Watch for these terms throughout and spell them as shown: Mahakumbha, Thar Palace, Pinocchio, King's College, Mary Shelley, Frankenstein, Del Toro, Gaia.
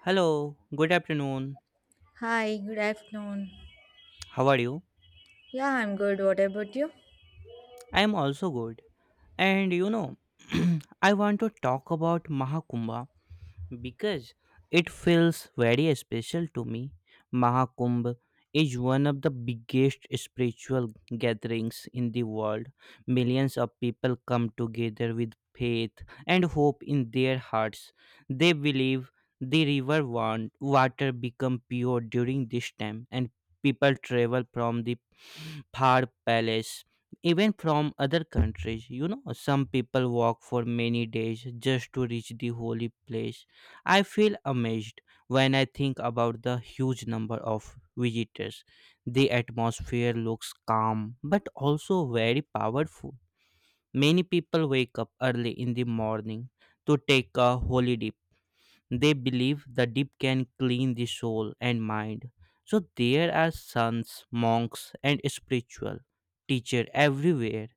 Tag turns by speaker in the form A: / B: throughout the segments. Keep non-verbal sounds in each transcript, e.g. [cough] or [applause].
A: Hello, good afternoon.
B: Hi, good afternoon.
A: How are you?
B: Yeah, I'm good. What about you?
A: I am also good. And you know, [clears throat] I want to talk about Mahakumbha because it feels very special to me. Mahakumbh is one of the biggest spiritual gatherings in the world. Millions of people come together with faith and hope in their hearts. They believe the water become pure during this time and people travel from the Thar Palace, even from other countries. Some people walk for many days just to reach the holy place. I feel amazed when I think about the huge number of visitors. The atmosphere looks calm but also very powerful. Many people wake up early in the morning to take a holy dip, they believe the dip can clean the soul and mind. So there are sons, monks, and spiritual teacher everywhere,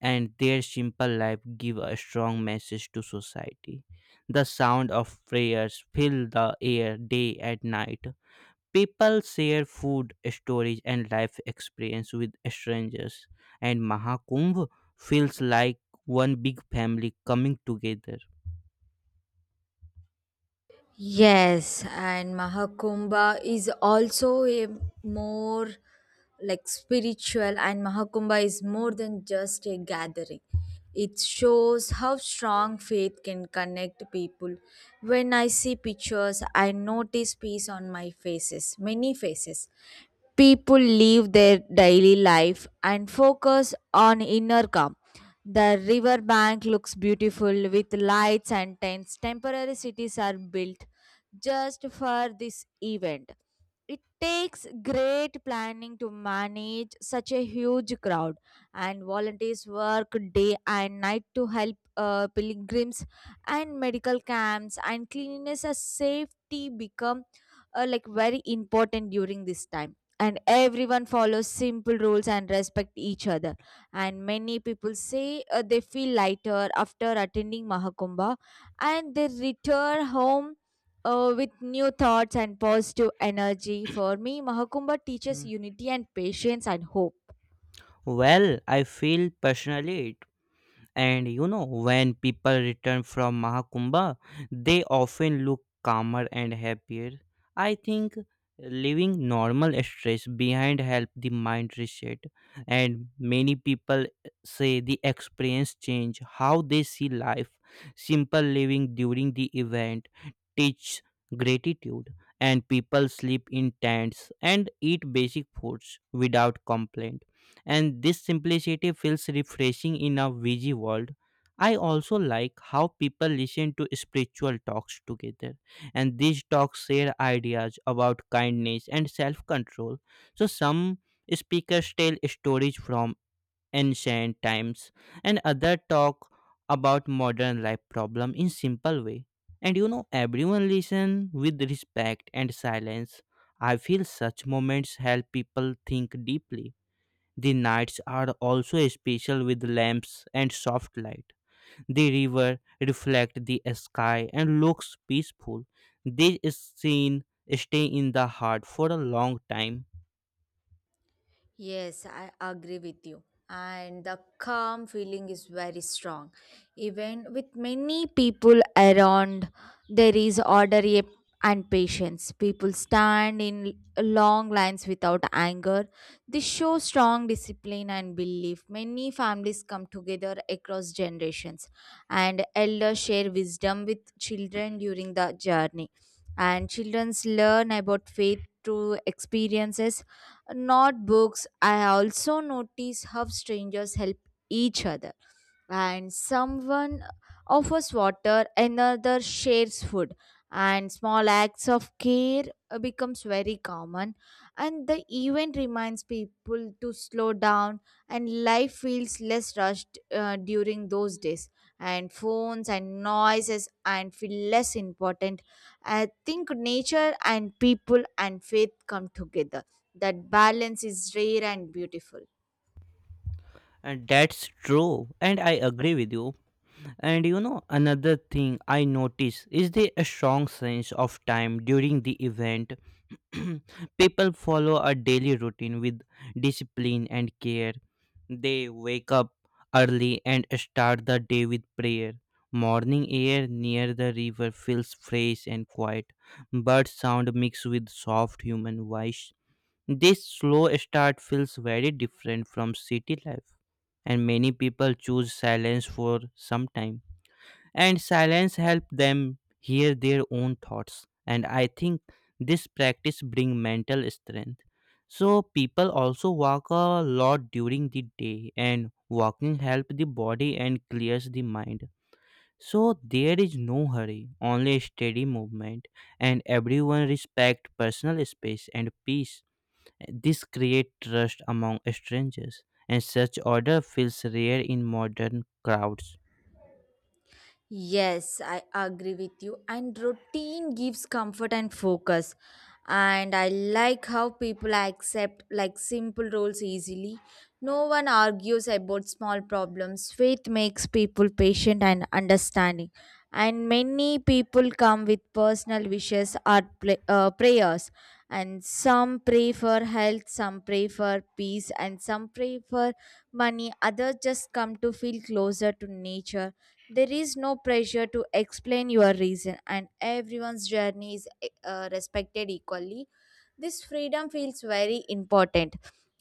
A: and their simple life give a strong message to society. The sound of prayers fill the air day and night. People share food, stories, and life experience with strangers, and Mahakumbh feels like one big family coming together.
B: Yes, and Mahakumbha is also a more like spiritual, and Mahakumbha is more than just a gathering. It shows how strong faith can connect people. When I see pictures, I notice peace on my faces, many faces. People live their daily life and focus on inner calm. The riverbank looks beautiful with lights and tents. Temporary cities are built just for this event. It takes great planning to manage such a huge crowd, and volunteers work day and night to help pilgrims and medical camps and cleanliness and safety become like very important during this time, and everyone follows simple rules and respect each other, and many people say they feel lighter after attending Mahakumbha, and they return home with new thoughts and positive energy. For me, Mahakumbha teaches
A: Hmm.
B: unity and patience and hope.
A: Well, I feel personally it And you know, When people return from Mahakumbha, they often look calmer and happier. I think leaving normal stress behind help the mind reset, and many people say the experience change how they see life. Simple living during the event teach gratitude, and people sleep in tents and eat basic foods without complaint, and this simplicity feels refreshing in a busy world. I also like how people listen to spiritual talks together, and these talks share ideas about kindness and self control. So, some speakers tell stories from ancient times, and others talk about modern life problem in simple way. Everyone listen with respect and silence. I feel such moments help people think deeply. The nights are also special with lamps and soft light. The river reflects the sky and looks peaceful. This scene stay in the heart for a long time.
B: Yes, I agree with you. And the calm feeling is very strong. Even with many people around, there is and patience. People stand in long lines without anger. This shows strong discipline and belief. Many families come together across generations, and elders share wisdom with children during the journey. And children learn about faith through experiences, not books. I also notice how strangers help each other, and someone offers water, another shares food, and small acts of care becomes very common, and the event reminds people to slow down, and life feels less rushed during those days, and phones and noises and feel less important. I think nature and people and faith come together. That balance is rare and beautiful.
A: And that's true, and I agree with you. Another thing I notice is the strong sense of time during the event. [clears throat] People follow a daily routine with discipline and care. They wake up early and start the day with prayer. Morning air near the river feels fresh and quiet. Bird sound mixed with soft human voice. This slow start feels very different from city life, and many people choose silence for some time, and silence help them hear their own thoughts. And I think this practice bring mental strength. So people also walk a lot during the day, and walking help the body and clears the mind. So there is no hurry, only steady movement, and everyone respect personal space and peace. This create trust among strangers, and such order feels rare in modern crowds.
B: Yes, I agree with you. And routine gives comfort and focus. And I like how people accept like simple rules easily. No one argues about small problems. Faith makes people patient and understanding. And many people come with personal wishes or prayers. And some pray for health, some pray for peace, and some pray for money. Others just come to feel closer to nature. There is no pressure to explain your reason, and everyone's journey is respected equally. This freedom feels very important.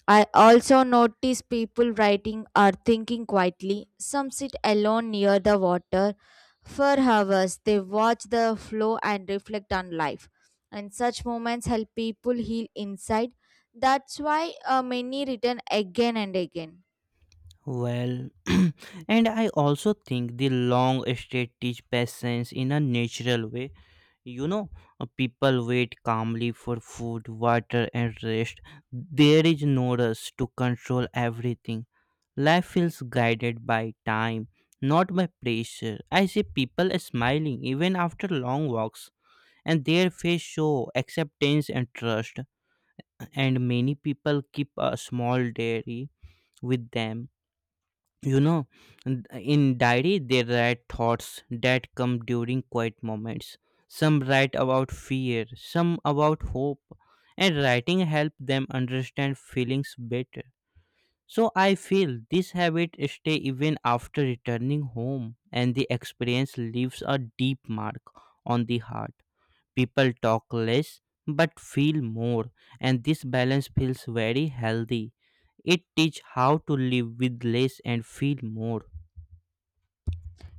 B: I also notice people writing or thinking quietly. Some sit alone near the water for hours. They watch the flow and reflect on life. And such moments help people heal inside. That's why many return again and again.
A: Well, [clears throat] and I also think the long straight teach patience in a natural way. You know, People wait calmly for food, water, and rest. There is no rush to control everything. Life feels guided by time, not by pressure. I see people smiling even after long walks, and their face show acceptance and trust. And many people keep a small diary with them, you know in diary they write thoughts that come during quiet moments. Some write about fear, some about hope, and writing help them understand feelings better. So I feel this habit stay even after returning home, and the experience leaves a deep mark on the heart. People talk less but feel more, and this balance feels very healthy. It teach how to live with less and feel more.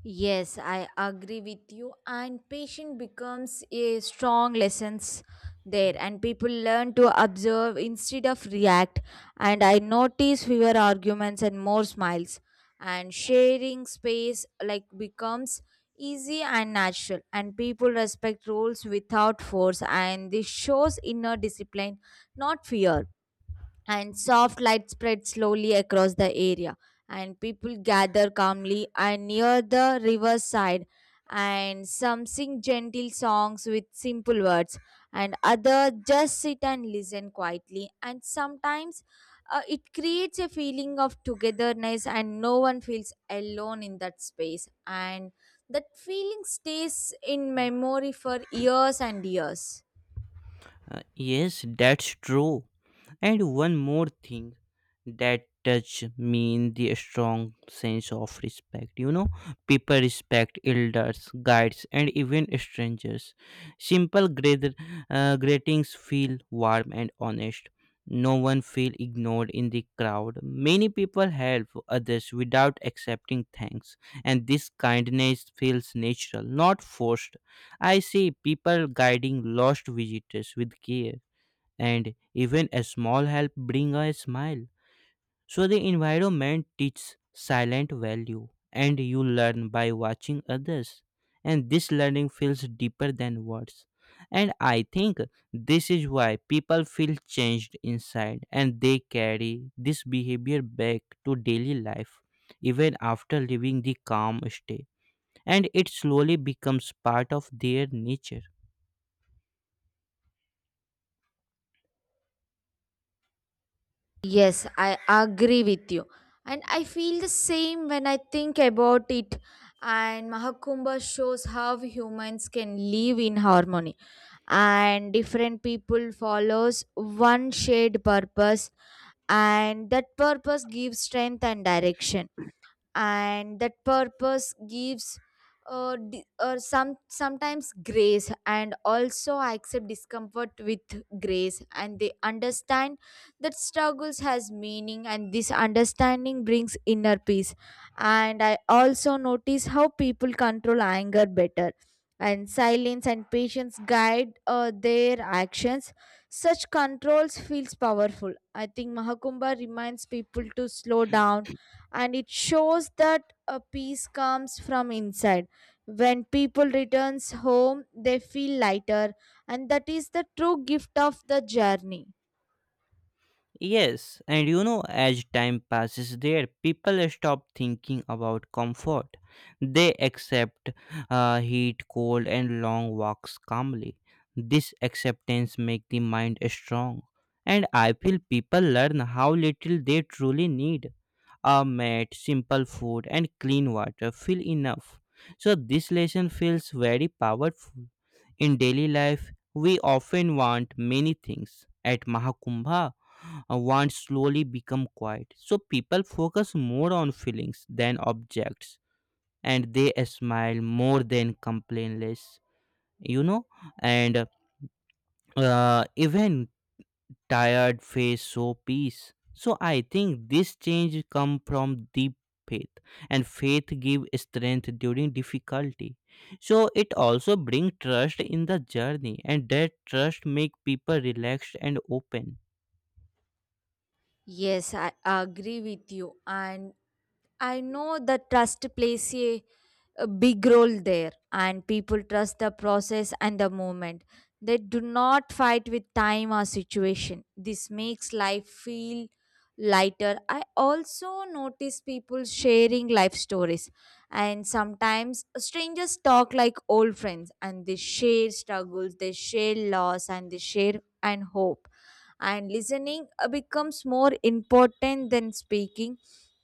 B: Yes, I agree with you. And patience becomes a strong lessons there, and people learn to observe instead of react. And I notice fewer arguments and more smiles. And sharing space like becomes easy and natural. And people respect rules without force. And this shows inner discipline, not fear. And soft light spread slowly across the area, and people gather calmly and near the riverside, and some sing gentle songs with simple words, and others just sit and listen quietly, and sometimes it creates a feeling of togetherness, and no one feels alone in that space, and that feeling stays in memory for years and years.
A: Yes, that's true. And one more thing that touch me in the strong sense of respect. People respect elders, guides, and even strangers. Simple great, Greetings feel warm and honest. No one feel ignored in the crowd. Many people help others without accepting thanks, and this kindness feels natural, not forced. I see people guiding lost visitors with care, and even a small help bring a smile. So the environment teaches silent value, and you learn by watching others, and this learning feels deeper than words. And I think this is why people feel changed inside, and they carry this behavior back to daily life even after leaving the calm stay, and it slowly becomes part of their nature.
B: Yes, I agree with you. And I feel the same when I think about it. And Mahakumbha shows how humans can live in harmony. And different people follows one shared purpose. And that purpose gives strength and direction, and that purpose gives some sometimes grace, and also I accept discomfort with grace, and they understand that struggles has meaning, and this understanding brings inner peace. And I also notice how people control anger better, and silence and patience guide their actions. Such controls feels powerful. I think Mahakumbha reminds people to slow down, and it shows that a peace comes from inside. When people returns home, they feel lighter, and that is the true gift of the journey.
A: Yes, and you know, as time passes there, people stop thinking about comfort. They accept heat, cold, and long walks calmly. This acceptance makes the mind strong. And I feel people learn how little they truly need. A mat, simple food, and clean water feel enough. So, this lesson feels very powerful. In daily life, we often want many things. At Mahakumbha, want slowly become quiet. So people focus more on feelings than objects, and they smile more than complain less, you know, and even tired face show peace. So I think this change come from deep faith, and faith give strength during difficulty. So it also bring trust in the journey, and that trust make people relaxed and open.
B: Yes, I agree with you. And I know the trust plays a big role there, and people trust the process and the moment. They do not fight with time or situation. This makes life feel lighter. I also notice people sharing life stories, and sometimes strangers talk like old friends, and they share struggles, they share loss, and they share and hope. And listening becomes more important than speaking,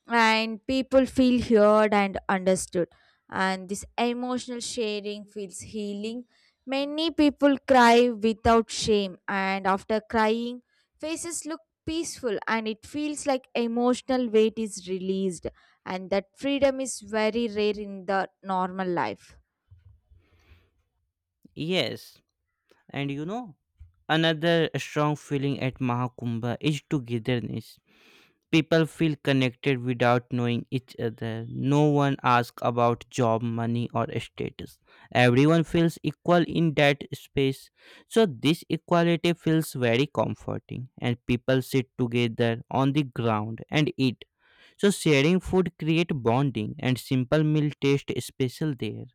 B: and people feel heard and understood, and this emotional sharing feels healing. Many people cry without shame, and after crying faces look peaceful, and it feels like emotional weight is released, and that freedom is very rare in the normal life.
A: Yes, and you know, another strong feeling at Mahakumbha is togetherness. People feel connected without knowing each other. No one asks about job, money, or status. Everyone feels equal in that space. So, this equality feels very comforting, and people sit together on the ground and eat. So, sharing food creates bonding, and simple meal taste special there.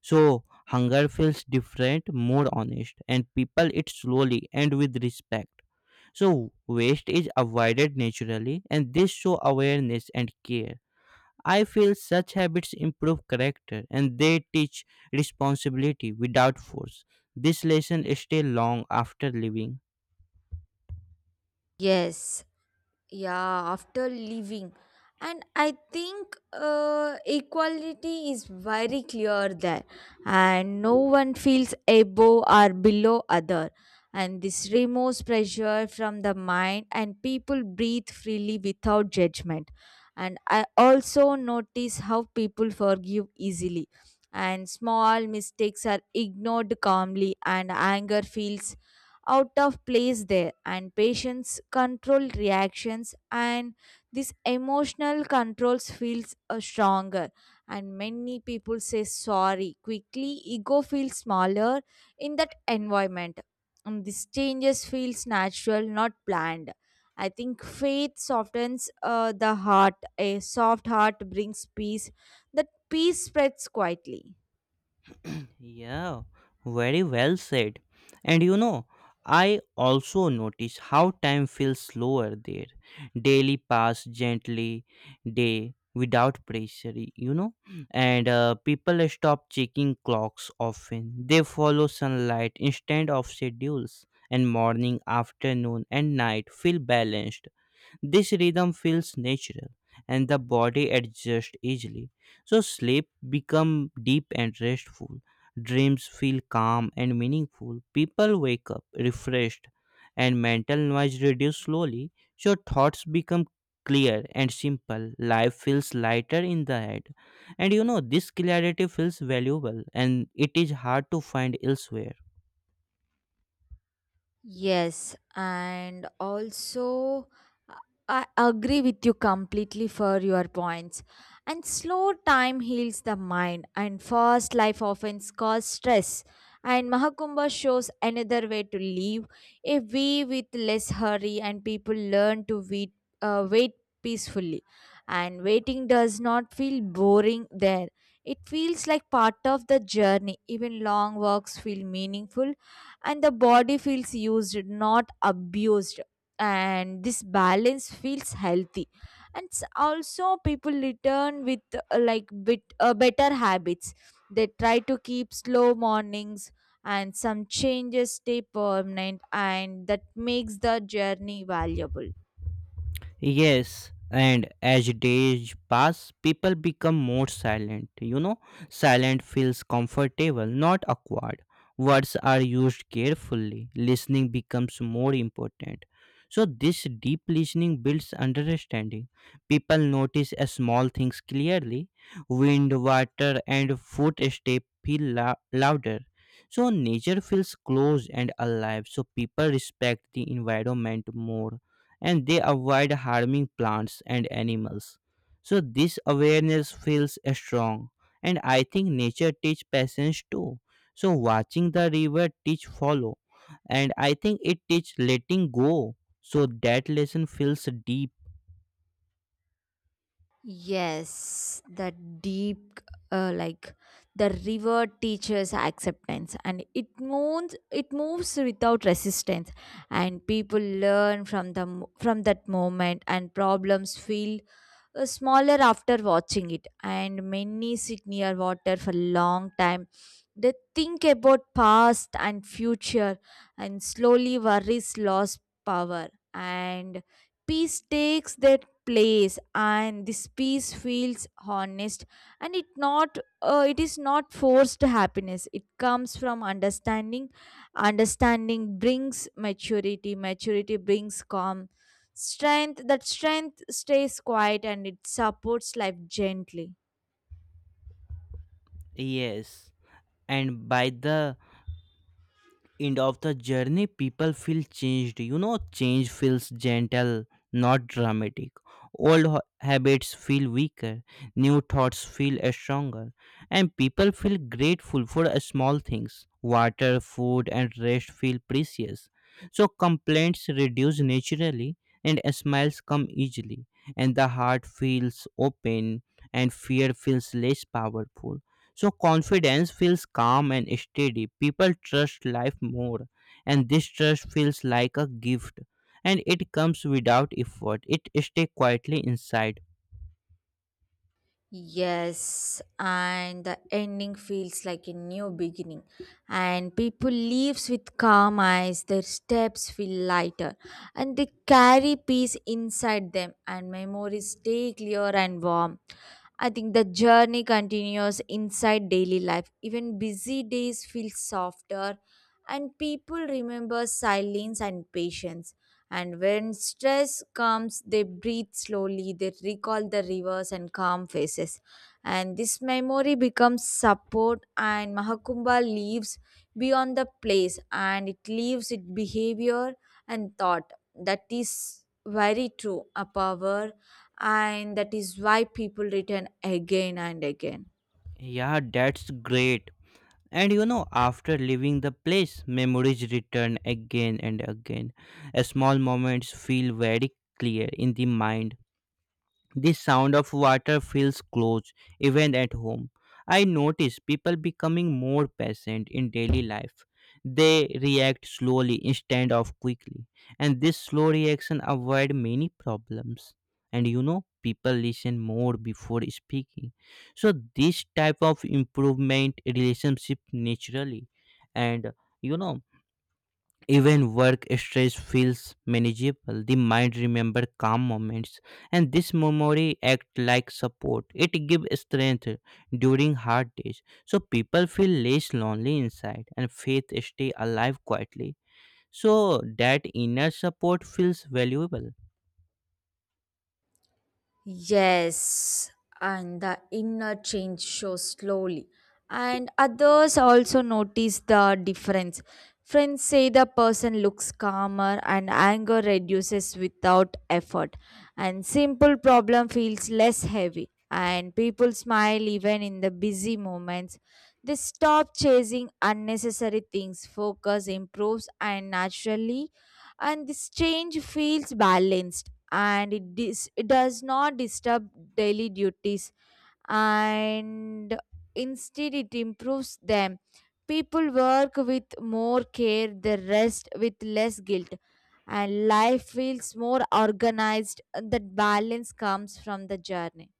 A: So hunger feels different, more honest, and people eat slowly and with respect. So waste is avoided naturally, and this show awareness and care. I feel such habits improve character, and they teach responsibility without force. This lesson stays long after living.
B: Yes. Yeah, after leaving. And I think equality is very clear there, and no one feels above or below other, and this removes pressure from the mind, and people breathe freely without judgment. And I also notice how people forgive easily, and small mistakes are ignored calmly, and anger feels out of place there, and patients control reactions, and this emotional controls feels stronger, and many people say sorry quickly. Ego feels smaller in that environment, and this changes feels natural, not planned. I think faith softens the heart. A soft heart brings peace. That peace spreads quietly.
A: [clears throat] Yeah, very well said. And you know, I also notice how time feels slower there. Daily pass gently, day without pressure, you know. And people stop checking clocks often. They follow sunlight instead of schedules. And morning, afternoon, and night feel balanced. This rhythm feels natural, and the body adjusts easily. So sleep become deep and restful. Dreams feel calm and meaningful. People wake up refreshed, and mental noise reduces slowly. So thoughts become clear and simple. Life feels lighter in the head. And you know, this clarity feels valuable, and it is hard to find elsewhere.
B: Yes, and also uh, I agree with you completely for your points. And slow time heals the mind, and fast life often causes stress. And Mahakumbha shows another way to live. If we with less hurry and people learn to wait, wait peacefully, and waiting does not feel boring there. It feels like part of the journey. Even long walks feel meaningful, and the body feels used not abused, and this balance feels healthy. And also people return with like bit better habits. They try to keep slow mornings, and some changes stay permanent, and that makes the journey valuable.
A: Yes, and as days pass, people become more silent. You know, silent feels comfortable, not awkward. Words are used carefully, listening becomes more important. So, this deep listening builds understanding. People notice a small things clearly, wind, water, and louder. So, nature feels close and alive, so people respect the environment more, and they avoid harming plants and animals. So this awareness feels strong, and I think nature teach patience too. So watching the river teach follow, and I think it teach letting go. So that lesson feels deep.
B: Yes, the deep, like the river teaches acceptance, and it moves. It moves without resistance, and people learn from the from that moment, and problems feel smaller after watching it. And many sit near water for a long time. They think about past and future, and slowly worries lost power, and peace takes their place, and this peace feels honest, and it is not forced happiness. It comes from understanding. Understanding brings maturity. Maturity brings calm strength. That strength stays quiet, and it supports life gently.
A: Yes. And by the end of the journey people feel changed. You know, change feels gentle, not dramatic. Old habits feel weaker, new thoughts feel stronger, and people feel grateful for small things. Water, food, and rest feel precious, so complaints reduce naturally, and smiles come easily, and the heart feels open, and fear feels less powerful. So confidence feels calm and steady. People trust life more, and this trust feels like a gift, and it comes without effort. It stays quietly inside.
B: Yes, and the ending feels like a new beginning, and people leaves with calm eyes. Their steps feel lighter, and they carry peace inside them, and memories stay clear and warm. I think the journey continues inside daily life. Even busy days feel softer, and people remember silence and patience. And when stress comes, they breathe slowly, they recall the rivers and calm faces. And this memory becomes support, and Mahakumbha lives beyond the place, and it leaves its behavior and thought. That is very true, a power, and that is why people return again and again.
A: Yeah, that's great. And you know, after leaving the place, memories return again and again. A small moments feel very clear in the mind. The sound of water feels close, even at home. I notice people becoming more patient in daily life. They react slowly instead of quickly, and this slow reaction avoid many problems. And you know, people listen more before speaking. So this type of improvement relationship naturally, and you know even work stress feels manageable. The mind remembers calm moments, and this memory acts like support. It gives strength during hard days, so people feel less lonely inside, and faith stay alive quietly. So that inner support feels valuable.
B: Yes, and the inner change shows slowly, and others also notice the difference. Friends say the person looks calmer and anger reduces without effort, and simple problem feels less heavy. And people smile even in the busy moments. They stop chasing unnecessary things, focus improves, and naturally, and this change feels balanced, and it does not disturb daily duties, and instead it improves them. People work with more care, they rest with less guilt, and life feels more organized. That balance comes from the journey.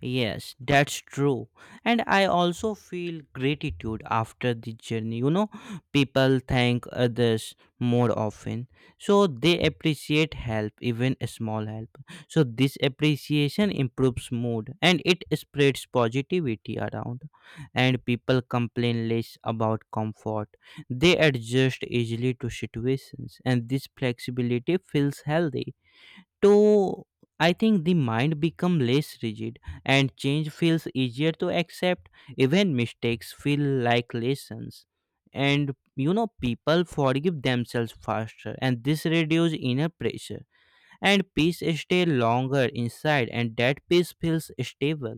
A: Yes, that's true. And I also feel gratitude after the journey. You know, people thank others more often. So they appreciate help, even a small help. So this appreciation improves mood, and it spreads positivity around. And people complain less about comfort. They adjust easily to situations, and this flexibility feels healthy to. I think the mind become less rigid, and change feels easier to accept, even mistakes feel like lessons. And you know, people forgive themselves faster, and this reduce inner pressure, and peace stay longer inside, and that peace feels stable.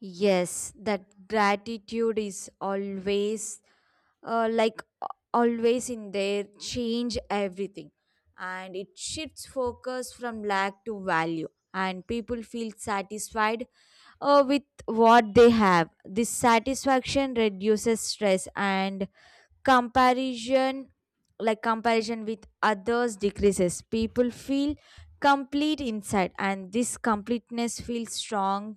B: Yes, that gratitude is always like always in there, change everything, and it shifts focus from lack to value, and people feel satisfied with what they have. This satisfaction reduces stress, and comparison comparison with others decreases. People feel complete inside, and this completeness feels strong,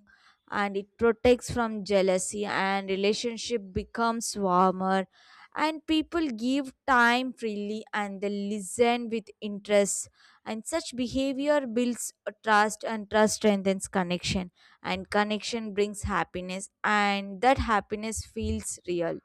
B: and it protects from jealousy, and relationship becomes warmer, and people give time freely, and they listen with interest, and such behavior builds a trust, and trust strengthens connection, and connection brings happiness, and that happiness feels real.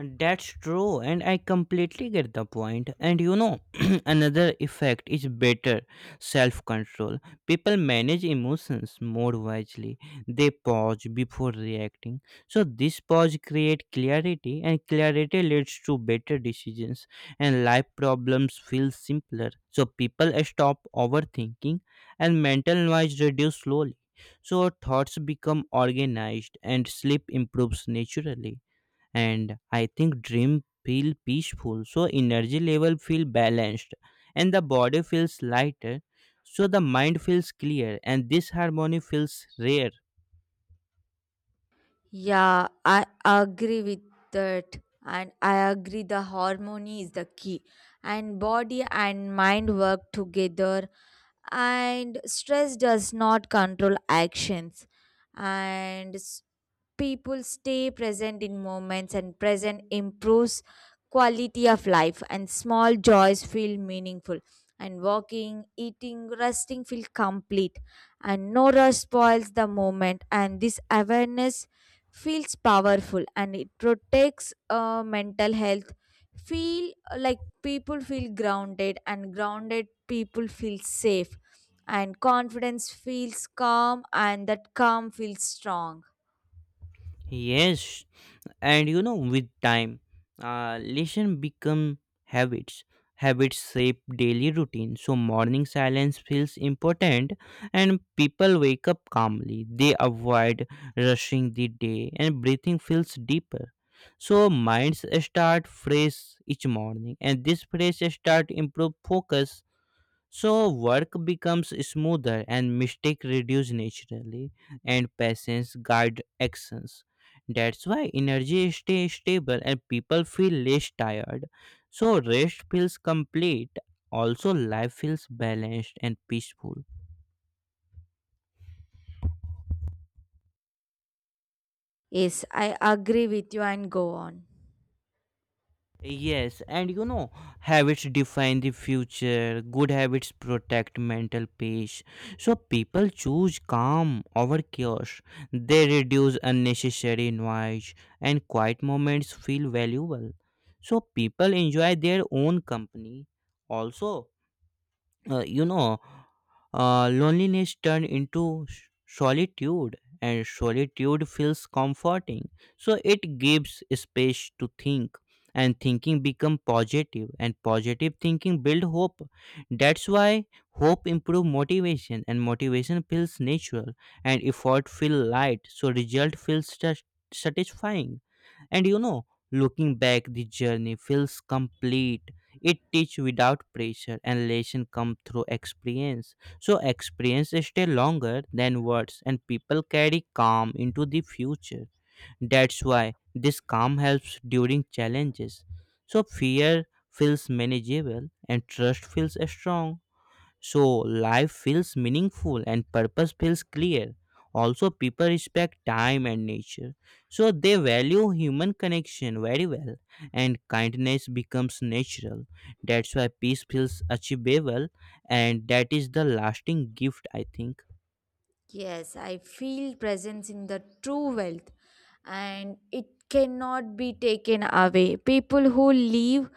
A: That's true, and I completely get the point. And you know, [clears throat] another effect is better self control. People manage emotions more wisely, they pause before reacting. So, this pause creates clarity, and clarity leads to better decisions, and life problems feel simpler. So, people stop overthinking, and mental noise reduces slowly. So, thoughts become organized, and sleep improves naturally, and I think dream feel peaceful. So energy level feel balanced, and the body feels lighter, so the mind feels clear, and this harmony feels rare.
B: Yeah, I agree with that. And I agree the harmony is the key. And body and mind work together. And stress does not control actions. And people stay present in moments, and present improves quality of life, and small joys feel meaningful, and walking, eating, resting feel complete, and no rush spoils the moment, and this awareness feels powerful, and it protects mental health. Feel like people feel grounded, and grounded people feel safe, and confidence feels calm, and that calm feels strong.
A: Yes, and you know, with time, lesson become habits. Habits shape daily routine, so morning silence feels important, and people wake up calmly. They avoid rushing the day, and breathing feels deeper, so minds start fresh each morning, and this fresh start improve focus. So work becomes smoother, and mistake reduce naturally, and patience guide actions. That's why energy stay stable, and people feel less tired. So rest feels complete. Also life feels balanced and peaceful.
B: Yes, I agree with you, and go on.
A: Yes, and you know, habits define the future. Good habits protect mental peace. So people choose calm over chaos. They reduce unnecessary noise, and quiet moments feel valuable. So people enjoy their own company. Also, uh, you know loneliness turned into s- solitude, and solitude feels comforting, so it gives space to think, and thinking become positive, and positive thinking build hope. That's why hope improve motivation, and motivation feels natural, and effort feel light, so result feels satisfying. And you know, looking back the journey feels complete. It teach without pressure, and lesson come through experience. So experience stay longer than words, and people carry calm into the future. That's why this calm helps during challenges. So fear feels manageable, and trust feels strong. So life feels meaningful, and purpose feels clear. Also, people respect time and nature. So they value human connection very well, and kindness becomes natural. That's why peace feels achievable, and that is the lasting gift I think.
B: Yes, I feel presence in the true wealth, and it cannot be taken away. People who live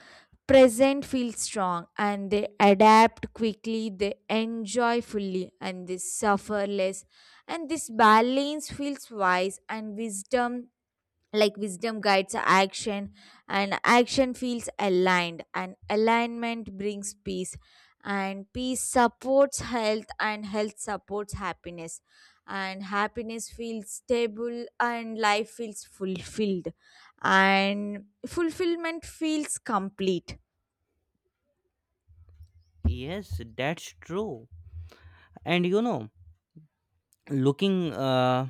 B: present feel strong, and they adapt quickly, they enjoy fully, and they suffer less. And this balance feels wise, and wisdom guides action, and action feels aligned, and alignment brings peace, and peace supports health, and health supports happiness, and happiness feels stable, and life feels fulfilled, and fulfillment feels complete.
A: Yes, that's true. And you know, looking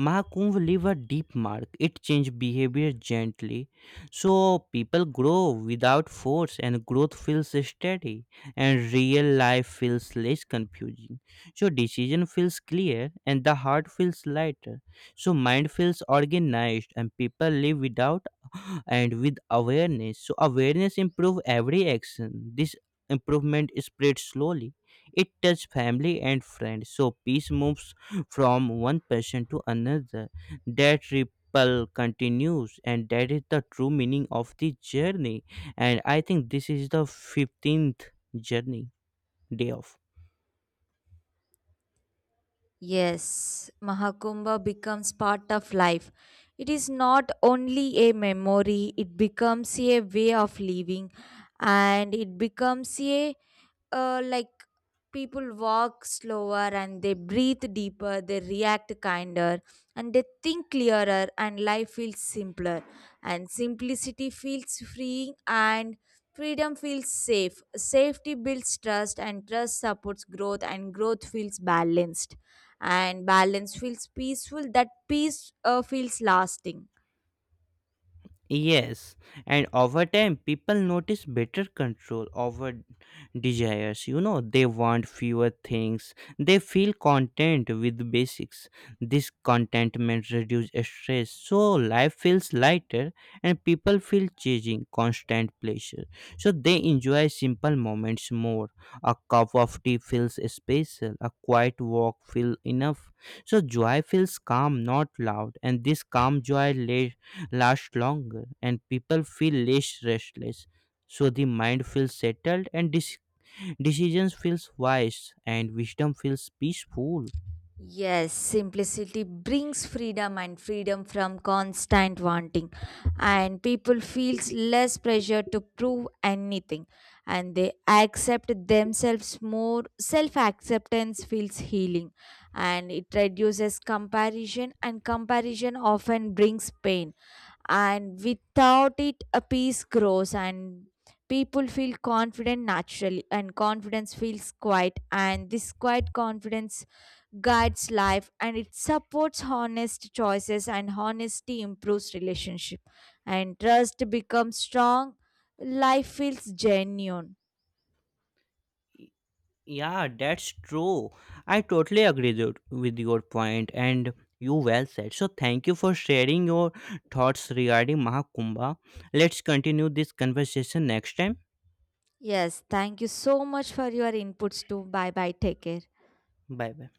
A: Mahakumbh leave a deep mark. It changed behavior gently. So people grow without force, and growth feels steady, and real life feels less confusing. So decision feels clear, and the heart feels lighter. So mind feels organized, and people live without [sighs] [gasps] and with awareness. So awareness improve every action. This improvement spreads slowly. It touches family and friends. So peace moves from one person to another. That ripple continues, and that is the true meaning of the journey. And I think this is the 15th journey day of.
B: Yes, Mahakumbha becomes part of life. It is not only a memory, it becomes a way of living, and it becomes a uh, like people walk slower, and they breathe deeper, they react kinder, and they think clearer, and life feels simpler, and simplicity feels freeing, and freedom feels safe. Safety builds trust, and trust supports growth, and growth feels balanced, and balance feels peaceful. That peace feels lasting.
A: Yes, and over time, people notice better control over desires. You know, they want fewer things. They feel content with basics. This contentment reduces stress, so life feels lighter, and people feel chasing constant pleasure. So they enjoy simple moments more. A cup of tea feels special. A quiet walk feels enough, so joy feels calm, not loud, and this calm joy lasts longer, and people feel less restless. So the mind feels settled, and decisions feels wise, and wisdom feels peaceful.
B: Yes, simplicity brings freedom, and freedom from constant wanting, and people feels less pressure to prove anything, and they accept themselves more. Self acceptance feels healing, and it reduces comparison, and comparison often brings pain, and without it a peace grows, and people feel confident naturally, and confidence feels quiet, and this quiet confidence guides life, and it supports honest choices, and honesty improves relationship, and trust becomes strong. Life feels genuine.
A: Yeah, that's true. I totally agree with your point, and you well said. So thank you for sharing your thoughts regarding Mahakumbha. Let's continue this conversation next time.
B: Yes, thank you so much for your inputs too. Bye bye, take care.
A: Bye bye.